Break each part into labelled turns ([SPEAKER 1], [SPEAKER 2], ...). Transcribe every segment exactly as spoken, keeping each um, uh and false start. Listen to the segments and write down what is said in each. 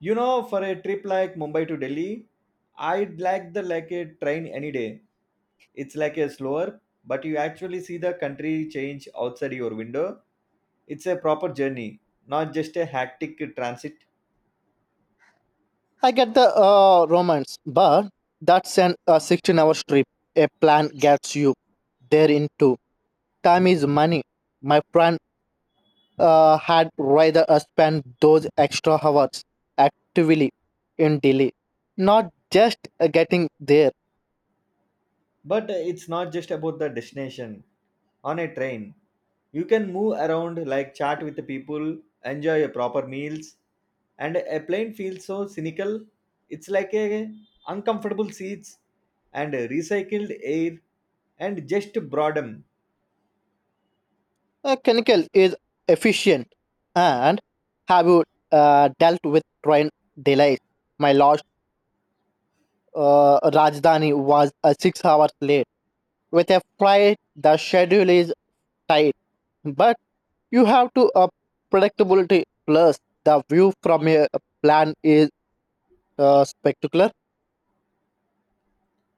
[SPEAKER 1] You know, for a trip like Mumbai to Delhi, I'd like the like a train any day. It's like a slower, but you actually see the country change outside your window. It's a proper journey, not just a hectic transit.
[SPEAKER 2] I get the uh, romance, but that's an a sixteen hour trip. A plan gets you there in two. Time is money. My plan uh, had rather uh, spend those extra hours actively in Delhi, not just uh, getting there.
[SPEAKER 1] But it's not just about the destination. On a train, you can move around, like chat with the people, enjoy your proper meals, and a plane feels so cynical. It's like a uncomfortable seats and recycled air and just boredom.
[SPEAKER 2] Uh, clinical is efficient. And have you uh, dealt with train delays? My last uh, Rajdhani was uh, six hours late. With a flight, the schedule is tight, but you have to uh, predictability. Plus, the view from a plan is uh, spectacular.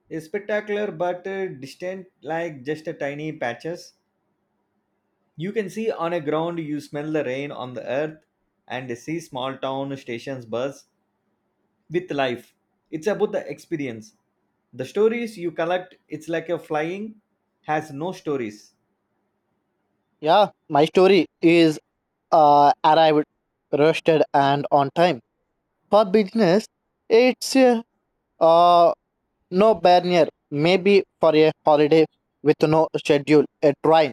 [SPEAKER 1] A spectacular but uh, distant, like just a tiny patches. You can see on a ground, you smell the rain on the earth and see small town stations buzz with life. It's about the experience. The stories you collect, it's like a flying has no stories.
[SPEAKER 2] Yeah, my story is uh, arrived, rested, and on time. For business, it's uh, no barrier, maybe for a holiday with no schedule, a train.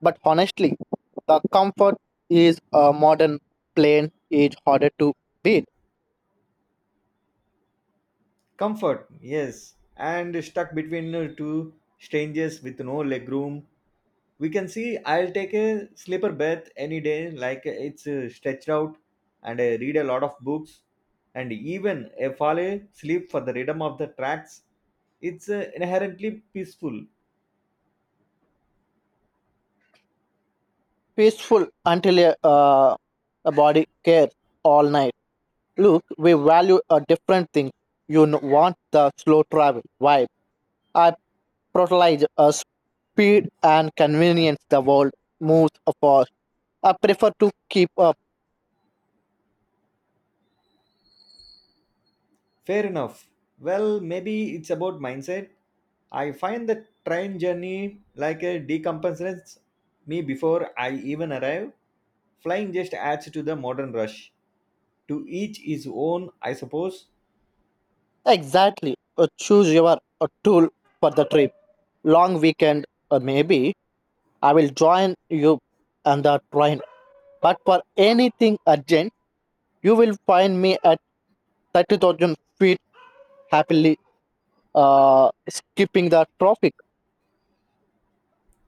[SPEAKER 2] But honestly, the comfort is a modern plane is harder to beat.
[SPEAKER 1] Comfort, yes, and stuck between uh, two strangers with no leg room. We can see I'll take a sleeper berth any day, like uh, it's uh, stretched out and I read a lot of books and even a fall asleep for the rhythm of the tracks. It's uh, inherently peaceful.
[SPEAKER 2] Peaceful until a, uh, a body cares all night. Look, we value a different thing. You n- want the slow travel vibe. I prioritize a speed and convenience the world moves fast. I prefer to keep up.
[SPEAKER 1] Fair enough. Well, maybe it's about mindset. I find the train journey like a decompensates me before I even arrive. Flying just adds to the modern rush. To each his own, I suppose.
[SPEAKER 2] Exactly. Uh, choose your uh, tool for the trip. Long weekend, or maybe I will join you on the train. But for anything urgent, you will find me at thirty thousand feet happily uh, skipping the traffic.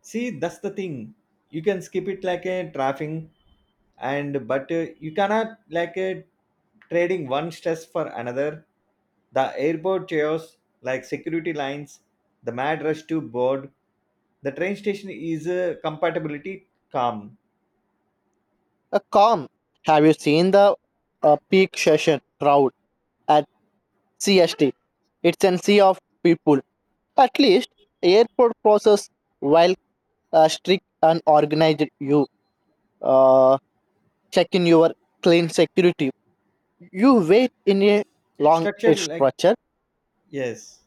[SPEAKER 1] See, that's the thing. You can skip it like a traffic, and but uh, you cannot like a trading one stress for another. The airport chaos, like security lines, the mad rush to board. The train station is a compatibility calm,
[SPEAKER 2] Uh, calm. Have you seen the uh, peak session crowd at C S T? It's an sea of people. At least airport process while uh, strict and organized you uh, check in your clean security. You wait in a long
[SPEAKER 1] structured, like
[SPEAKER 2] structure.
[SPEAKER 1] yes.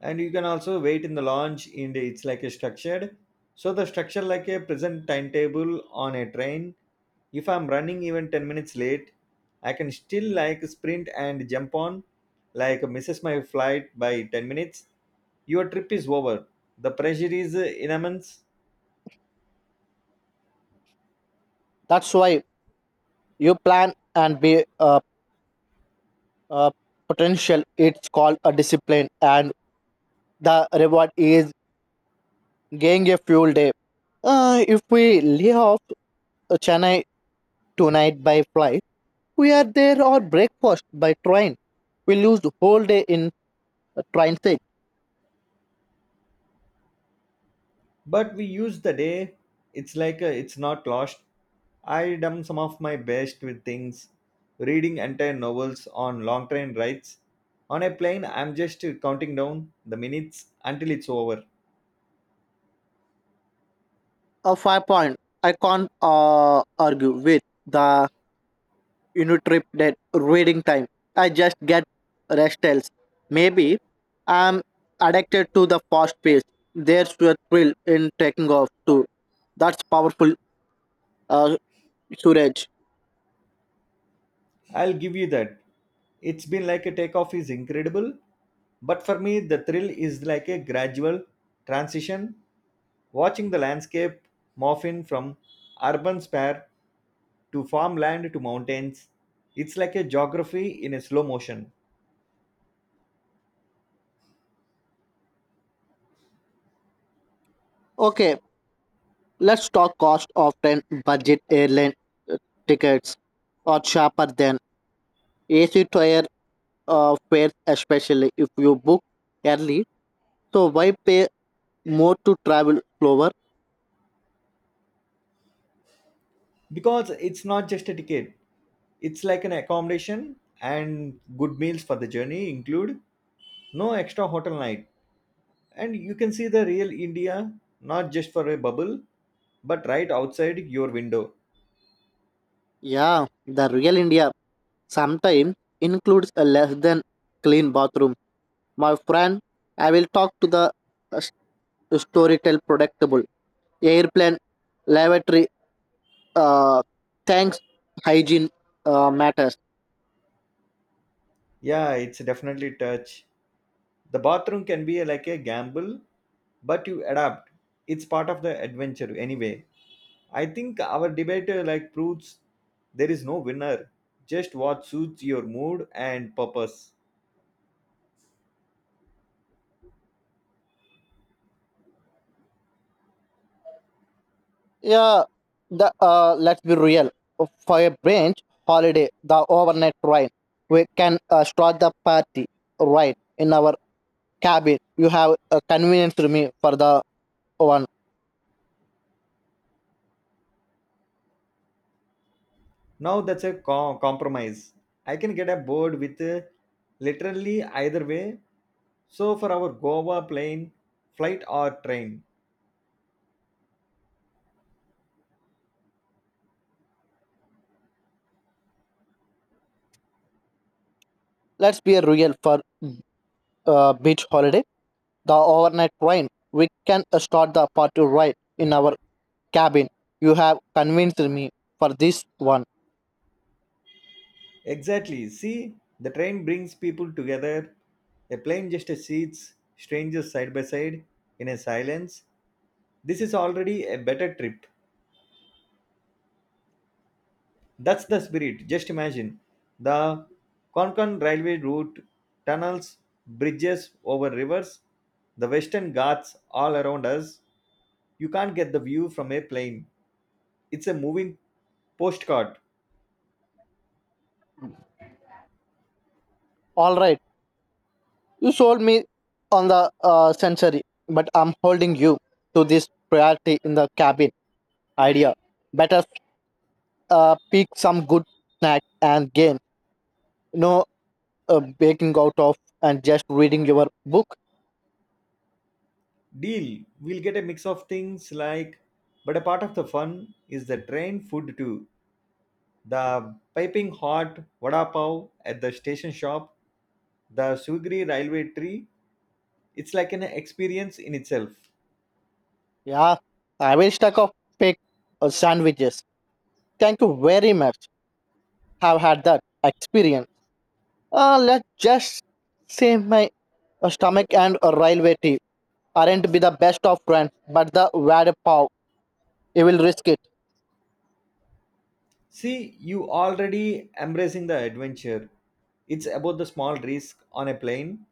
[SPEAKER 1] And you can also wait in the launch and it's like a structured, so the structure like a present timetable on a train. If I'm running even ten minutes late, I can still like sprint and jump on, like misses my flight by ten minutes, your trip is over. The pressure is uh, immense.
[SPEAKER 2] That's why you plan and be uh, uh, potential. It's called a discipline and the reward is getting a fuel day. Uh, if we leave off uh, Chennai tonight by flight, we are there or breakfast by train. We lose the whole day in uh, train
[SPEAKER 1] But we use the day, it's like a, it's not lost. I done some of my best with things, reading entire novels on long train rides. On a plane I'm just counting down the minutes until it's over.
[SPEAKER 2] a five point. I can't uh, argue with the unit trip that reading time. I just get restless. Maybe I'm addicted to the fast pace. There's a thrill in taking off too. That's powerful, uh, Suraj.
[SPEAKER 1] I'll give you that. It's been like a takeoff is incredible, but for me the thrill is like a gradual transition, watching the landscape morph in from urban spare to farmland to mountains. It's like a geography in a slow motion.
[SPEAKER 2] Okay, let's talk cost of ten budget airline uh, tickets. Are sharper than A C to air uh, fares, especially if you book early. So why pay more to travel slower?
[SPEAKER 1] Because it's not just a ticket, it's like an accommodation and good meals for the journey include no extra hotel night, and you can see the real India, not just for a bubble, but right outside your window.
[SPEAKER 2] Yeah, the real India sometimes includes a less than clean bathroom. My friend, I will talk to the uh, s- storytell predictable airplane lavatory. Uh, Thanks, hygiene uh, matters.
[SPEAKER 1] Yeah, it's definitely touch. The bathroom can be like a gamble, but you adapt. It's part of the adventure anyway. I think our debate uh, like proves there is no winner, just what suits your mood and purpose.
[SPEAKER 2] Yeah, the uh, let's be real. For a branch holiday, the overnight train, we can uh, start the party right in our cabin. You have a convenience room for the one.
[SPEAKER 1] Now that's a com compromise. I can get a board with uh, literally either way. So for our Goa plane, flight or train.
[SPEAKER 2] Let's be real for uh, beach holiday, the overnight train, we can uh, start the party right in our cabin. You have convinced me for this one.
[SPEAKER 1] Exactly. See, the train brings people together. A plane just seats strangers side by side in a silence. This is already a better trip. That's the spirit. Just imagine the Konkan railway route, tunnels, bridges over rivers, the Western Ghats all around us. You can't get the view from a plane. It's a moving postcard.
[SPEAKER 2] All right, you sold me on the uh, century, but I'm holding you to this priority in the cabin idea. Better uh, pick some good snack and game. No uh, baking out of and just reading your book.
[SPEAKER 1] Deal. We'll get a mix of things, like but a part of the fun is the train food too. The piping hot vada pav at the station shop, the Sugri railway tree. It's like an experience in itself.
[SPEAKER 2] Yeah, I will stack of pick uh, sandwiches. Thank you very much. Have had that experience. Uh, let's just say my stomach and a railway tea aren't be the best of friends, but the wad pav, you will risk it.
[SPEAKER 1] See, you already embracing the adventure. It's about the small risk on a plane.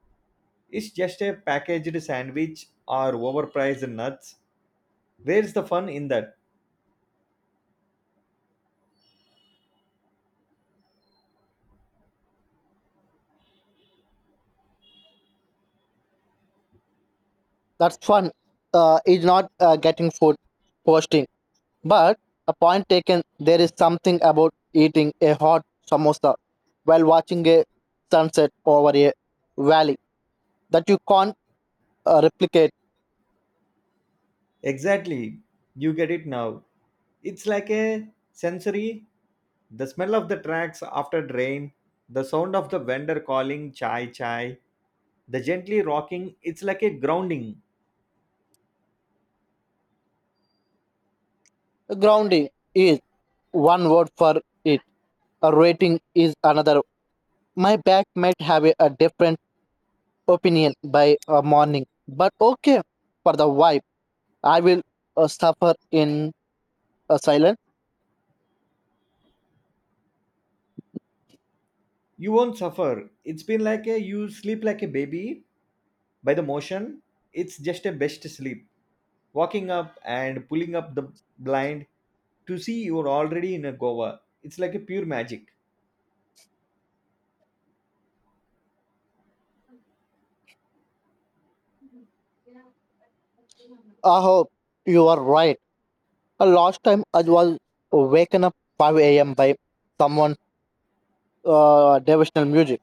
[SPEAKER 1] It's just a packaged sandwich or overpriced nuts. Where's the fun in that?
[SPEAKER 2] That's fun. Uh, is not uh, getting food posting, but a point taken. There is something about eating a hot samosa while watching a sunset over a valley that you can't uh, replicate.
[SPEAKER 1] Exactly. You get it now. It's like a sensory, the smell of the tracks after rain, the sound of the vendor calling chai chai, the gently rocking. It's like a grounding.
[SPEAKER 2] Grounding is one word for it. A rating is another. My back might have a, a different opinion by uh, morning. But okay, for the vibe, I will uh, suffer in uh, silence.
[SPEAKER 1] You won't suffer. It's been like a you sleep like a baby by the motion. It's just a best sleep. Walking up and pulling up the blind to see you're already in a Goa. It's like a pure magic.
[SPEAKER 2] I hope you are right. Uh, last time I was waken up five a m by someone's uh, devotional music.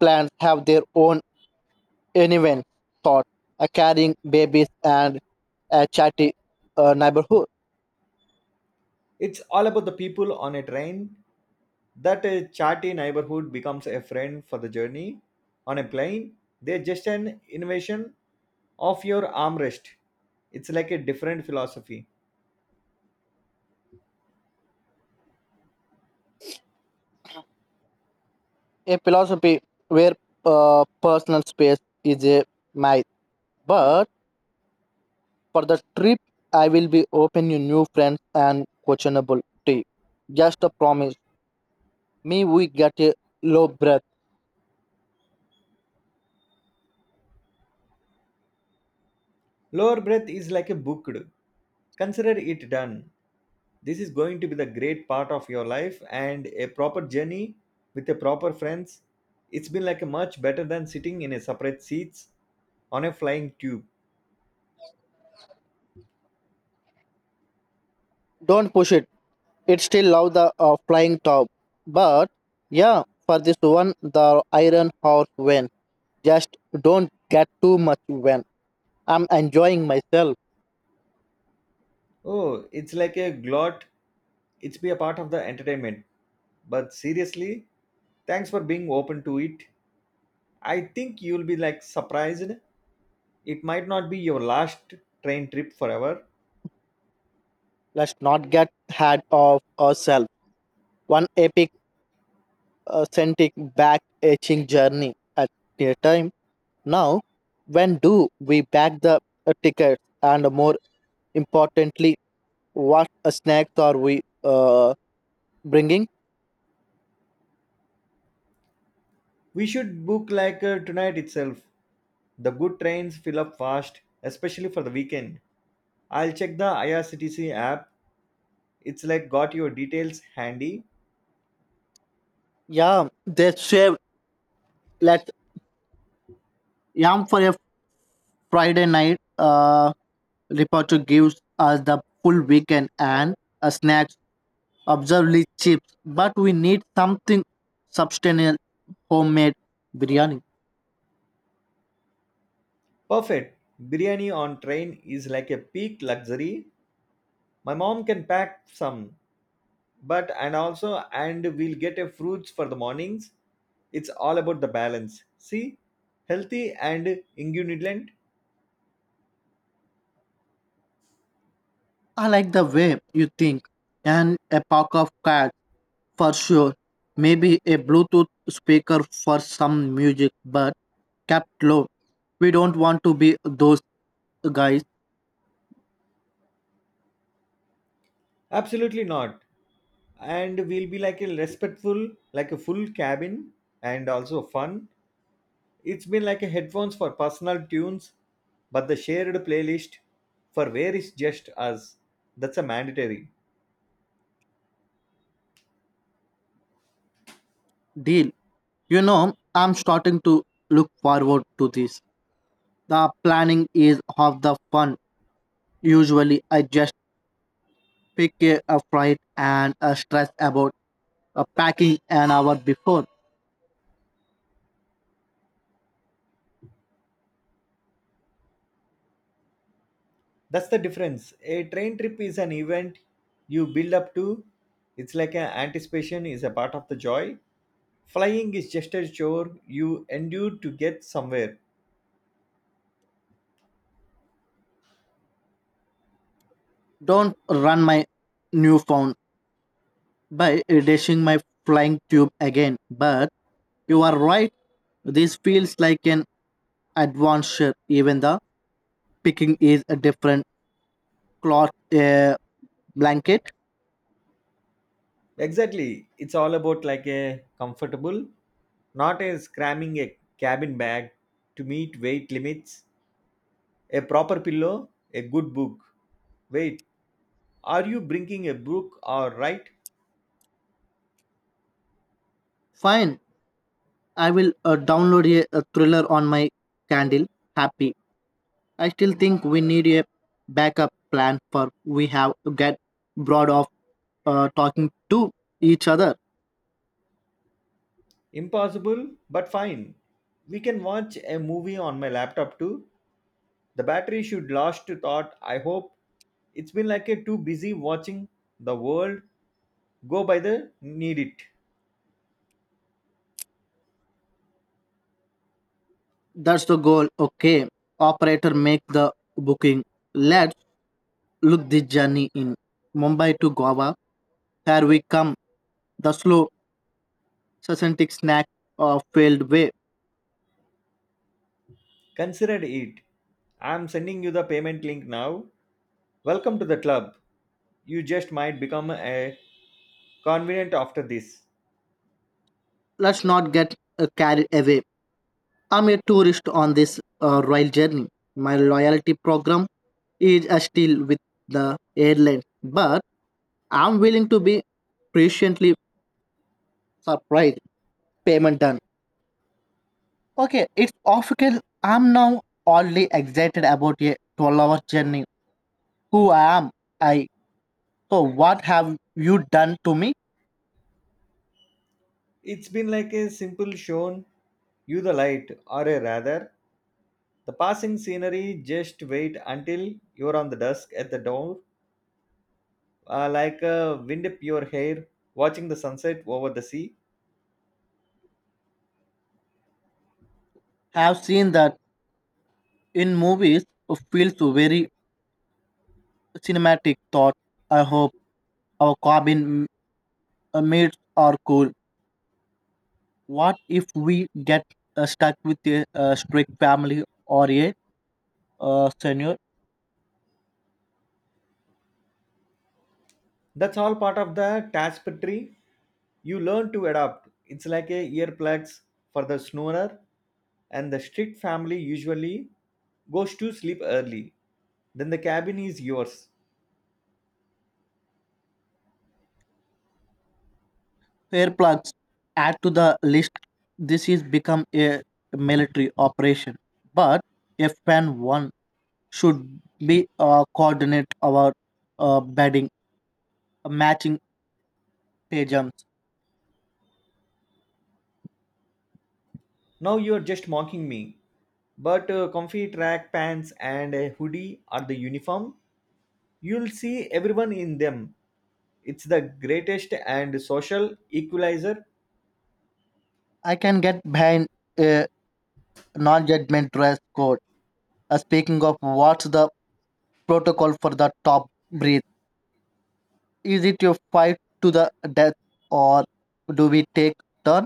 [SPEAKER 2] Plants have their own event thought, uh, carrying babies and a chatty uh, neighborhood.
[SPEAKER 1] It's all about the people on a train. That a chatty neighborhood becomes a friend for the journey. On a plane, they're just an invasion of your armrest. It's like a different philosophy.
[SPEAKER 2] A philosophy where uh, personal space is a myth. But for the trip, I will be open you new friends and questionable tea. Just a promise. Me, we get a low breath.
[SPEAKER 1] Lower breath is like a booked. Consider it done. This is going to be the great part of your life and a proper journey with the proper friends. It's been like a much better than sitting in a separate seats on a flying tube.
[SPEAKER 2] Don't push it. It still love the uh, flying top. But yeah, for this one, the iron horse win. Just don't get too much when. I'm enjoying myself.
[SPEAKER 1] Oh, it's like a glot. It's be a part of the entertainment. But seriously, thanks for being open to it. I think you'll be like surprised. It might not be your last train trip forever.
[SPEAKER 2] Let's not get ahead of ourselves. One epic, uh, scentic, back etching journey at a time. Now, when do we bag the uh, tickets and more importantly, what uh, snacks are we uh, bringing?
[SPEAKER 1] We should book like uh, tonight itself. The good trains fill up fast, especially for the weekend. I'll check the I R C T C app. It's like got your details handy.
[SPEAKER 2] Yeah, they save let yam for a Friday night. Uh, reporter gives us the full weekend and a snacks, observably chips, but we need something substantial, homemade biryani.
[SPEAKER 1] Perfect. Biryani on train is like a peak luxury. My mom can pack some. But and also and we'll get a fruits for the mornings. It's all about the balance, see, healthy and ingredients.
[SPEAKER 2] I like the way you think and a pack of cards. For sure, maybe a Bluetooth speaker for some music, but kept low. We don't want to be those guys.
[SPEAKER 1] Absolutely not, and we'll be like a respectful like a full cabin and also fun. It's been like a headphones for personal tunes, but the shared playlist for where is just us, that's a mandatory.
[SPEAKER 2] Deal. You know, I'm starting to look forward to this. The planning is half the fun. Usually, I just pick a, a flight and uh, stress about uh, packing an hour before.
[SPEAKER 1] That's the difference. A train trip is an event you build up to. It's like an anticipation is a part of the joy. Flying is just a chore you endure to get somewhere.
[SPEAKER 2] Don't run my new phone by dashing my flying tube again. But you are right. This feels like an advanced shape. Even the picking is a different cloth uh, blanket.
[SPEAKER 1] Exactly. It's all about like a comfortable, not a cramming a cabin bag to meet weight limits, a proper pillow, a good book. Wait, are you bringing a book or right?
[SPEAKER 2] Fine, I will uh, download a, a thriller on my candle. Happy. I still think we need a backup plan for we have to get broad of uh, talking to each other.
[SPEAKER 1] Impossible, but fine. We can watch a movie on my laptop too. The battery should last to thought, I hope. It's been like a too busy watching the world go by the need it.
[SPEAKER 2] That's the goal. Okay, operator make the booking. Let's look the journey in Mumbai to Goa. Here we come. The slow, succinct snack of failed way.
[SPEAKER 1] Consider it. I'm sending you the payment link now. Welcome to the club. You just might become a convenient after this.
[SPEAKER 2] Let's not get uh, carried away. I'm a tourist on this uh, royal journey. My loyalty program is uh, still with the airline, but I'm willing to be patiently surprised. Payment done. Okay, it's official. I'm now only excited about a twelve-hour journey. Who I am I? So what have you done to me?
[SPEAKER 1] It's been like a simple shown you the light, or a rather, the passing scenery. Just wait until you're on the dusk at the door, uh, like a wind up your hair, watching the sunset over the sea.
[SPEAKER 2] Have seen that in movies. It feels very cinematic. Thought. I hope our cabin uh, mates are cool. What if we get uh, stuck with a, uh strict family or a uh, senior?
[SPEAKER 1] That's all part of the tapestry. You learn to adapt. It's like a earplugs for the snorer, and the strict family usually goes to sleep early. Then the cabin is yours.
[SPEAKER 2] Fair plugs add to the list. This is become a military operation, but if fan one should be uh, coordinate our uh, bedding, uh, matching pajamas.
[SPEAKER 1] Now you are just mocking me. But uh, comfy track pants and a hoodie are the uniform. You'll see everyone in them. It's the greatest and social equalizer.
[SPEAKER 2] I can get behind a non-judgment dress code. Uh, speaking of, what's the protocol for the top breathe? Is it your fight to the death, or do we take turn?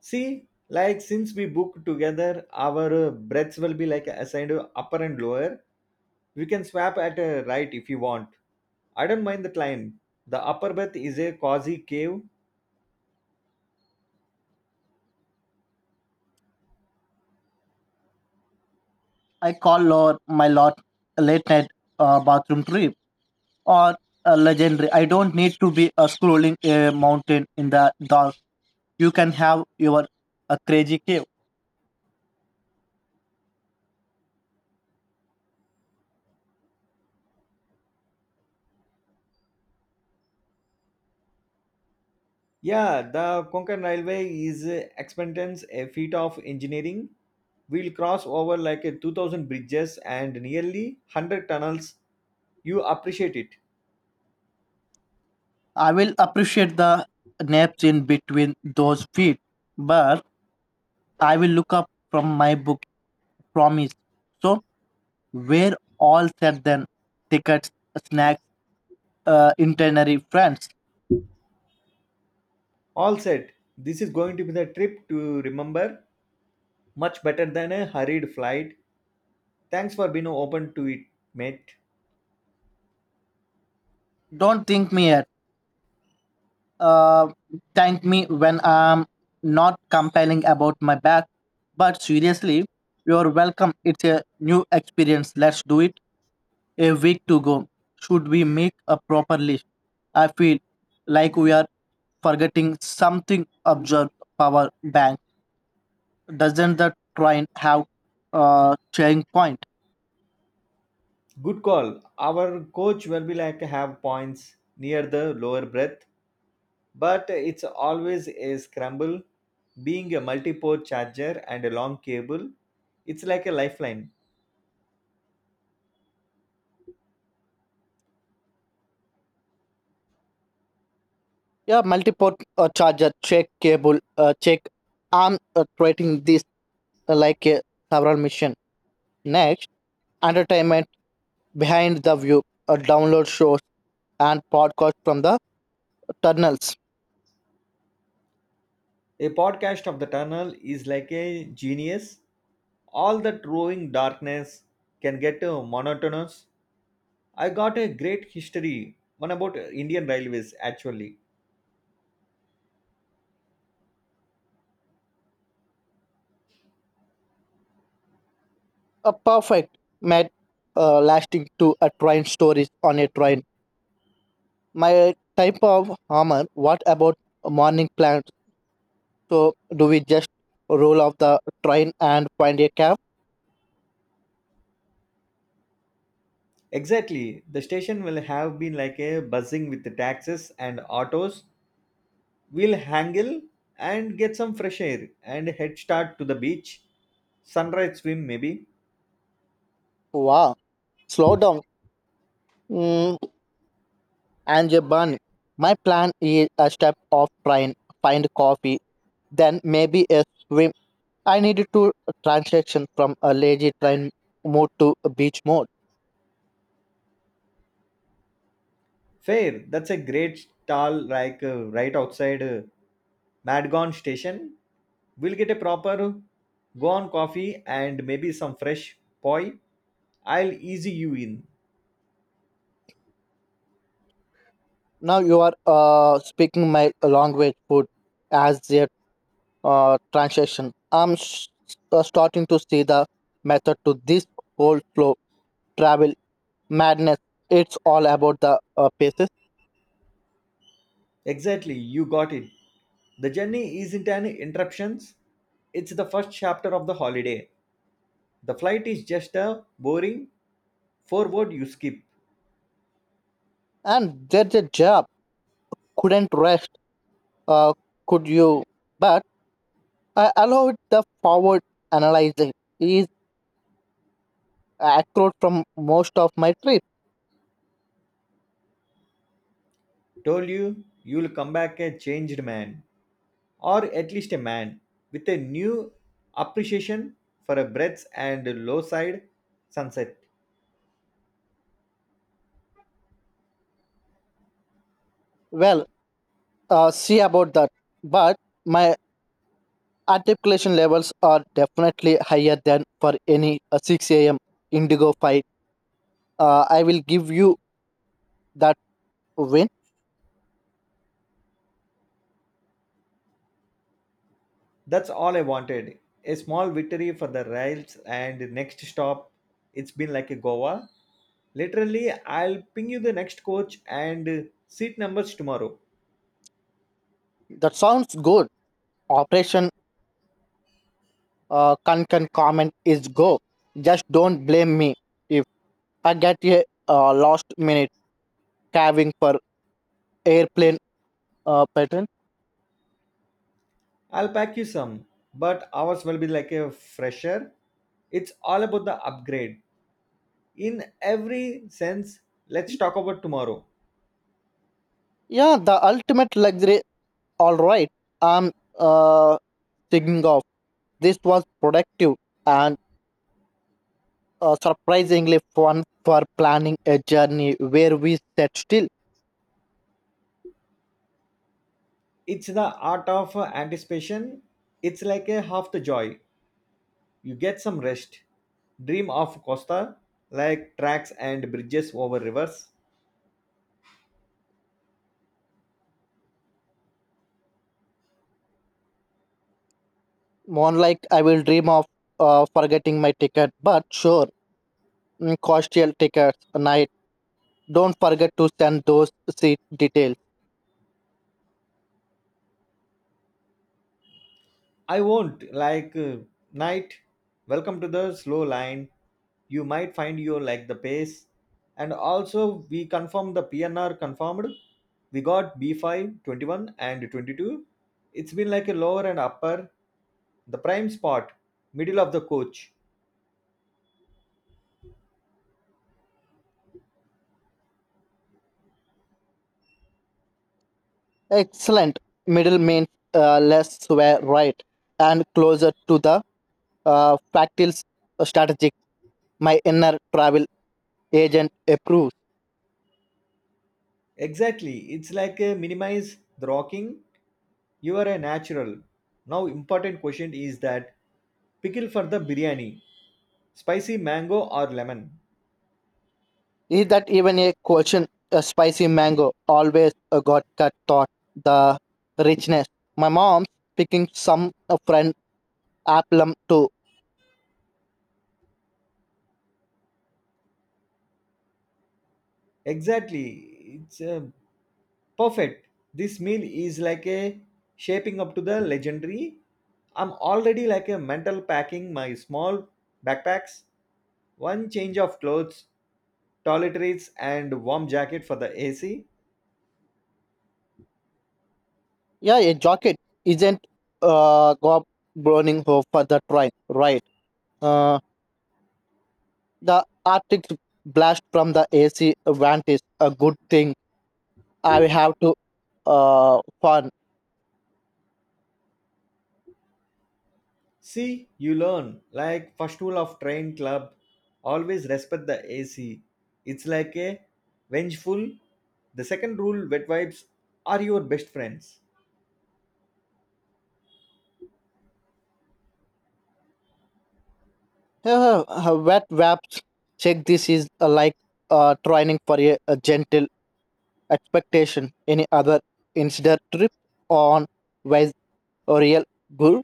[SPEAKER 1] See, like since we book together, our uh, breaths will be like assigned to upper and lower. We can swap at a right if you want. I don't mind the climb. The upper berth is a cozy cave.
[SPEAKER 2] I call Lord my Lord a late night uh, bathroom trip or a legendary. I don't need to be uh, scrolling a mountain in the dark. You can have your uh, crazy cave.
[SPEAKER 1] Yeah, the Konkan Railway is uh, expendence a feat of engineering. We'll cross over like a two thousand bridges and nearly a hundred tunnels. You appreciate it.
[SPEAKER 2] I will appreciate the naps in between those feet, but I will look up from my book promise. So we're all set then tickets, snacks, uh, itinerary friends.
[SPEAKER 1] All set. This is going to be the trip to remember, much better than a hurried flight. Thanks for being open to it, mate.
[SPEAKER 2] Don't think me yet. uh, Thank me when I'm not complaining about my back. But seriously, you're welcome. It's a new experience. Let's do it. A week to go. Should we make a proper list? I feel like we are forgetting something. Observe power bank. Doesn't the train have a charging point?
[SPEAKER 1] Good call. Our coach will be like have points near the lower breath, but it's always a scramble. Being a multi-port charger and a long cable, it's like a lifeline.
[SPEAKER 2] Yeah, multi-port uh, charger. Check cable. Uh, check. I'm uh, treating this uh, like a several mission. Next, entertainment behind the view, a download shows and podcast from the tunnels.
[SPEAKER 1] A podcast of the tunnel is like a genius. All that roving darkness can get uh, monotonous. I got a great history, one about Indian railways actually.
[SPEAKER 2] A perfect met uh, lasting to a train stories on a train. My type of armor, what about morning plans? So do we just roll off the train and find a cab?
[SPEAKER 1] Exactly. The station will have been like a buzzing with the taxis and autos. We'll haggle and get some fresh air and head start to the beach. Sunrise swim maybe.
[SPEAKER 2] Wow, slow down. Mm, and a bun. My plan is a step off train, find coffee, then maybe a swim. I needed to transaction from a lazy train mode to a beach mode.
[SPEAKER 1] Fair. That's a great stall, like uh, right outside uh, Madgon station. We'll get a proper go on coffee and maybe some fresh poi. I'll easy you in.
[SPEAKER 2] Now you are uh, speaking my language food as a uh, translation. I'm s uh, starting to see the method to this whole flow travel madness. It's all about the uh, paces
[SPEAKER 1] Exactly, you got it. The journey isn't an interruption, it's the first chapter of the holiday. The flight is just a boring forward you skip.
[SPEAKER 2] and there's a job. Couldn't rest. Uh, could you? But I allowed the forward analyzing is accurate from most of my trip.
[SPEAKER 1] Told you, you'll come back a changed man, or at least a man with a new appreciation for a breadth and low side sunset.
[SPEAKER 2] Well, uh, see about that. But my articulation levels are definitely higher than for any uh, six a m. Indigo fight. Uh, I will give you that win.
[SPEAKER 1] That's all I wanted. A small victory for the rails and next stop. It's been like a Goa. Literally, I'll ping you the next coach and seat numbers tomorrow.
[SPEAKER 2] That sounds good. Operation uh, Kankan comment is go. Just don't blame me if I get a uh, last minute carving for airplane uh, pattern.
[SPEAKER 1] I'll pack you some, but ours will be like a fresher. It's all about the upgrade. In every sense, let's talk about tomorrow.
[SPEAKER 2] Yeah, the ultimate luxury. All right. I'm uh, thinking of this was productive and uh, surprisingly fun for planning a journey where we sat still.
[SPEAKER 1] It's the art of anticipation. It's like a half the joy. You get some rest. Dream of Costa, like tracks and bridges over rivers.
[SPEAKER 2] More like I will dream of uh, forgetting my ticket, but sure, mm, coastal tickets night. Don't forget to send those seat details.
[SPEAKER 1] I won't, like uh, night. Welcome to the slow line. You might find you like the pace. And also, we confirm the P N R confirmed. We got b five twenty one and twenty-two. It's been like a lower and upper, the prime spot, middle of the coach.
[SPEAKER 2] Excellent. Middle means uh, less were right and closer to the uh, factual strategic. My inner travel agent approves.
[SPEAKER 1] Exactly. It's like a minimize the rocking. You are a natural. Now important question is that pickle for the biryani, spicy mango or lemon.
[SPEAKER 2] Is that even a question? A spicy mango always uh, got cut thought the richness. My mom's picking some uh, friend applem too.
[SPEAKER 1] Exactly, it's uh, perfect. This meal is like a shaping up to the legendary. I'm already like a mental packing my small backpacks, one change of clothes, toiletries and warm jacket for the A C.
[SPEAKER 2] Yeah, a jacket isn't uh go burning hope for the train, right? Uh, the Arctic blast from the A C vent is a good thing. I have to uh fun.
[SPEAKER 1] See, you learn. Like first rule of train club, always respect the A C. It's like a vengeful. The second rule, wet wipes are your best friends.
[SPEAKER 2] Uh, Wet wraps. Check this is uh, like uh training for a, a gentle expectation any other insider trip on was a real good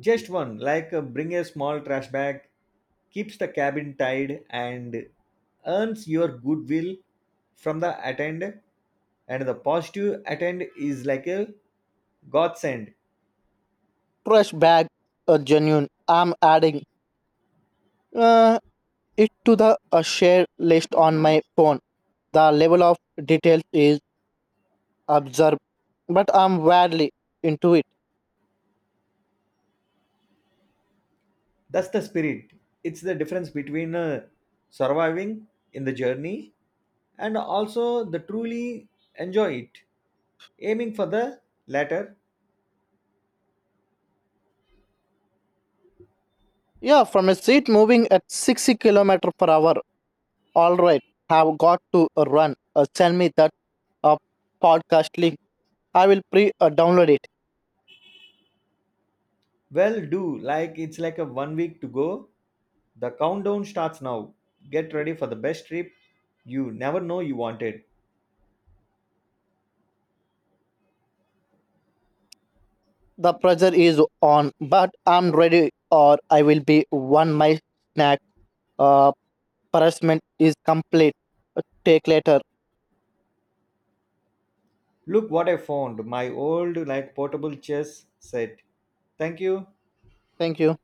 [SPEAKER 1] Just one, like uh, bring a small trash bag, keeps the cabin tied and earns your goodwill from the attendant. And the positive attend is like a godsend.
[SPEAKER 2] trash bag a genuine. I'm adding uh, it to the uh, share list on my phone. The level of details is absurd but I'm wildly into it.
[SPEAKER 1] That's the spirit. It's the difference between uh, surviving in the journey and also the truly enjoy it. Aiming for the latter,
[SPEAKER 2] Yeah, from a seat moving at sixty kilometer per hour. All right, have got to uh, run. Uh, send me that uh, podcast link. I will pre uh, download it.
[SPEAKER 1] well, do like it's like a one week to go. The countdown starts now. Get ready for the best trip you never know you wanted.
[SPEAKER 2] The pressure is on, but I'm ready or I will be one my snack. Uh, Harassment is complete. Uh, Take later.
[SPEAKER 1] Look what I found, my old like portable chess set. Thank you.
[SPEAKER 2] Thank you.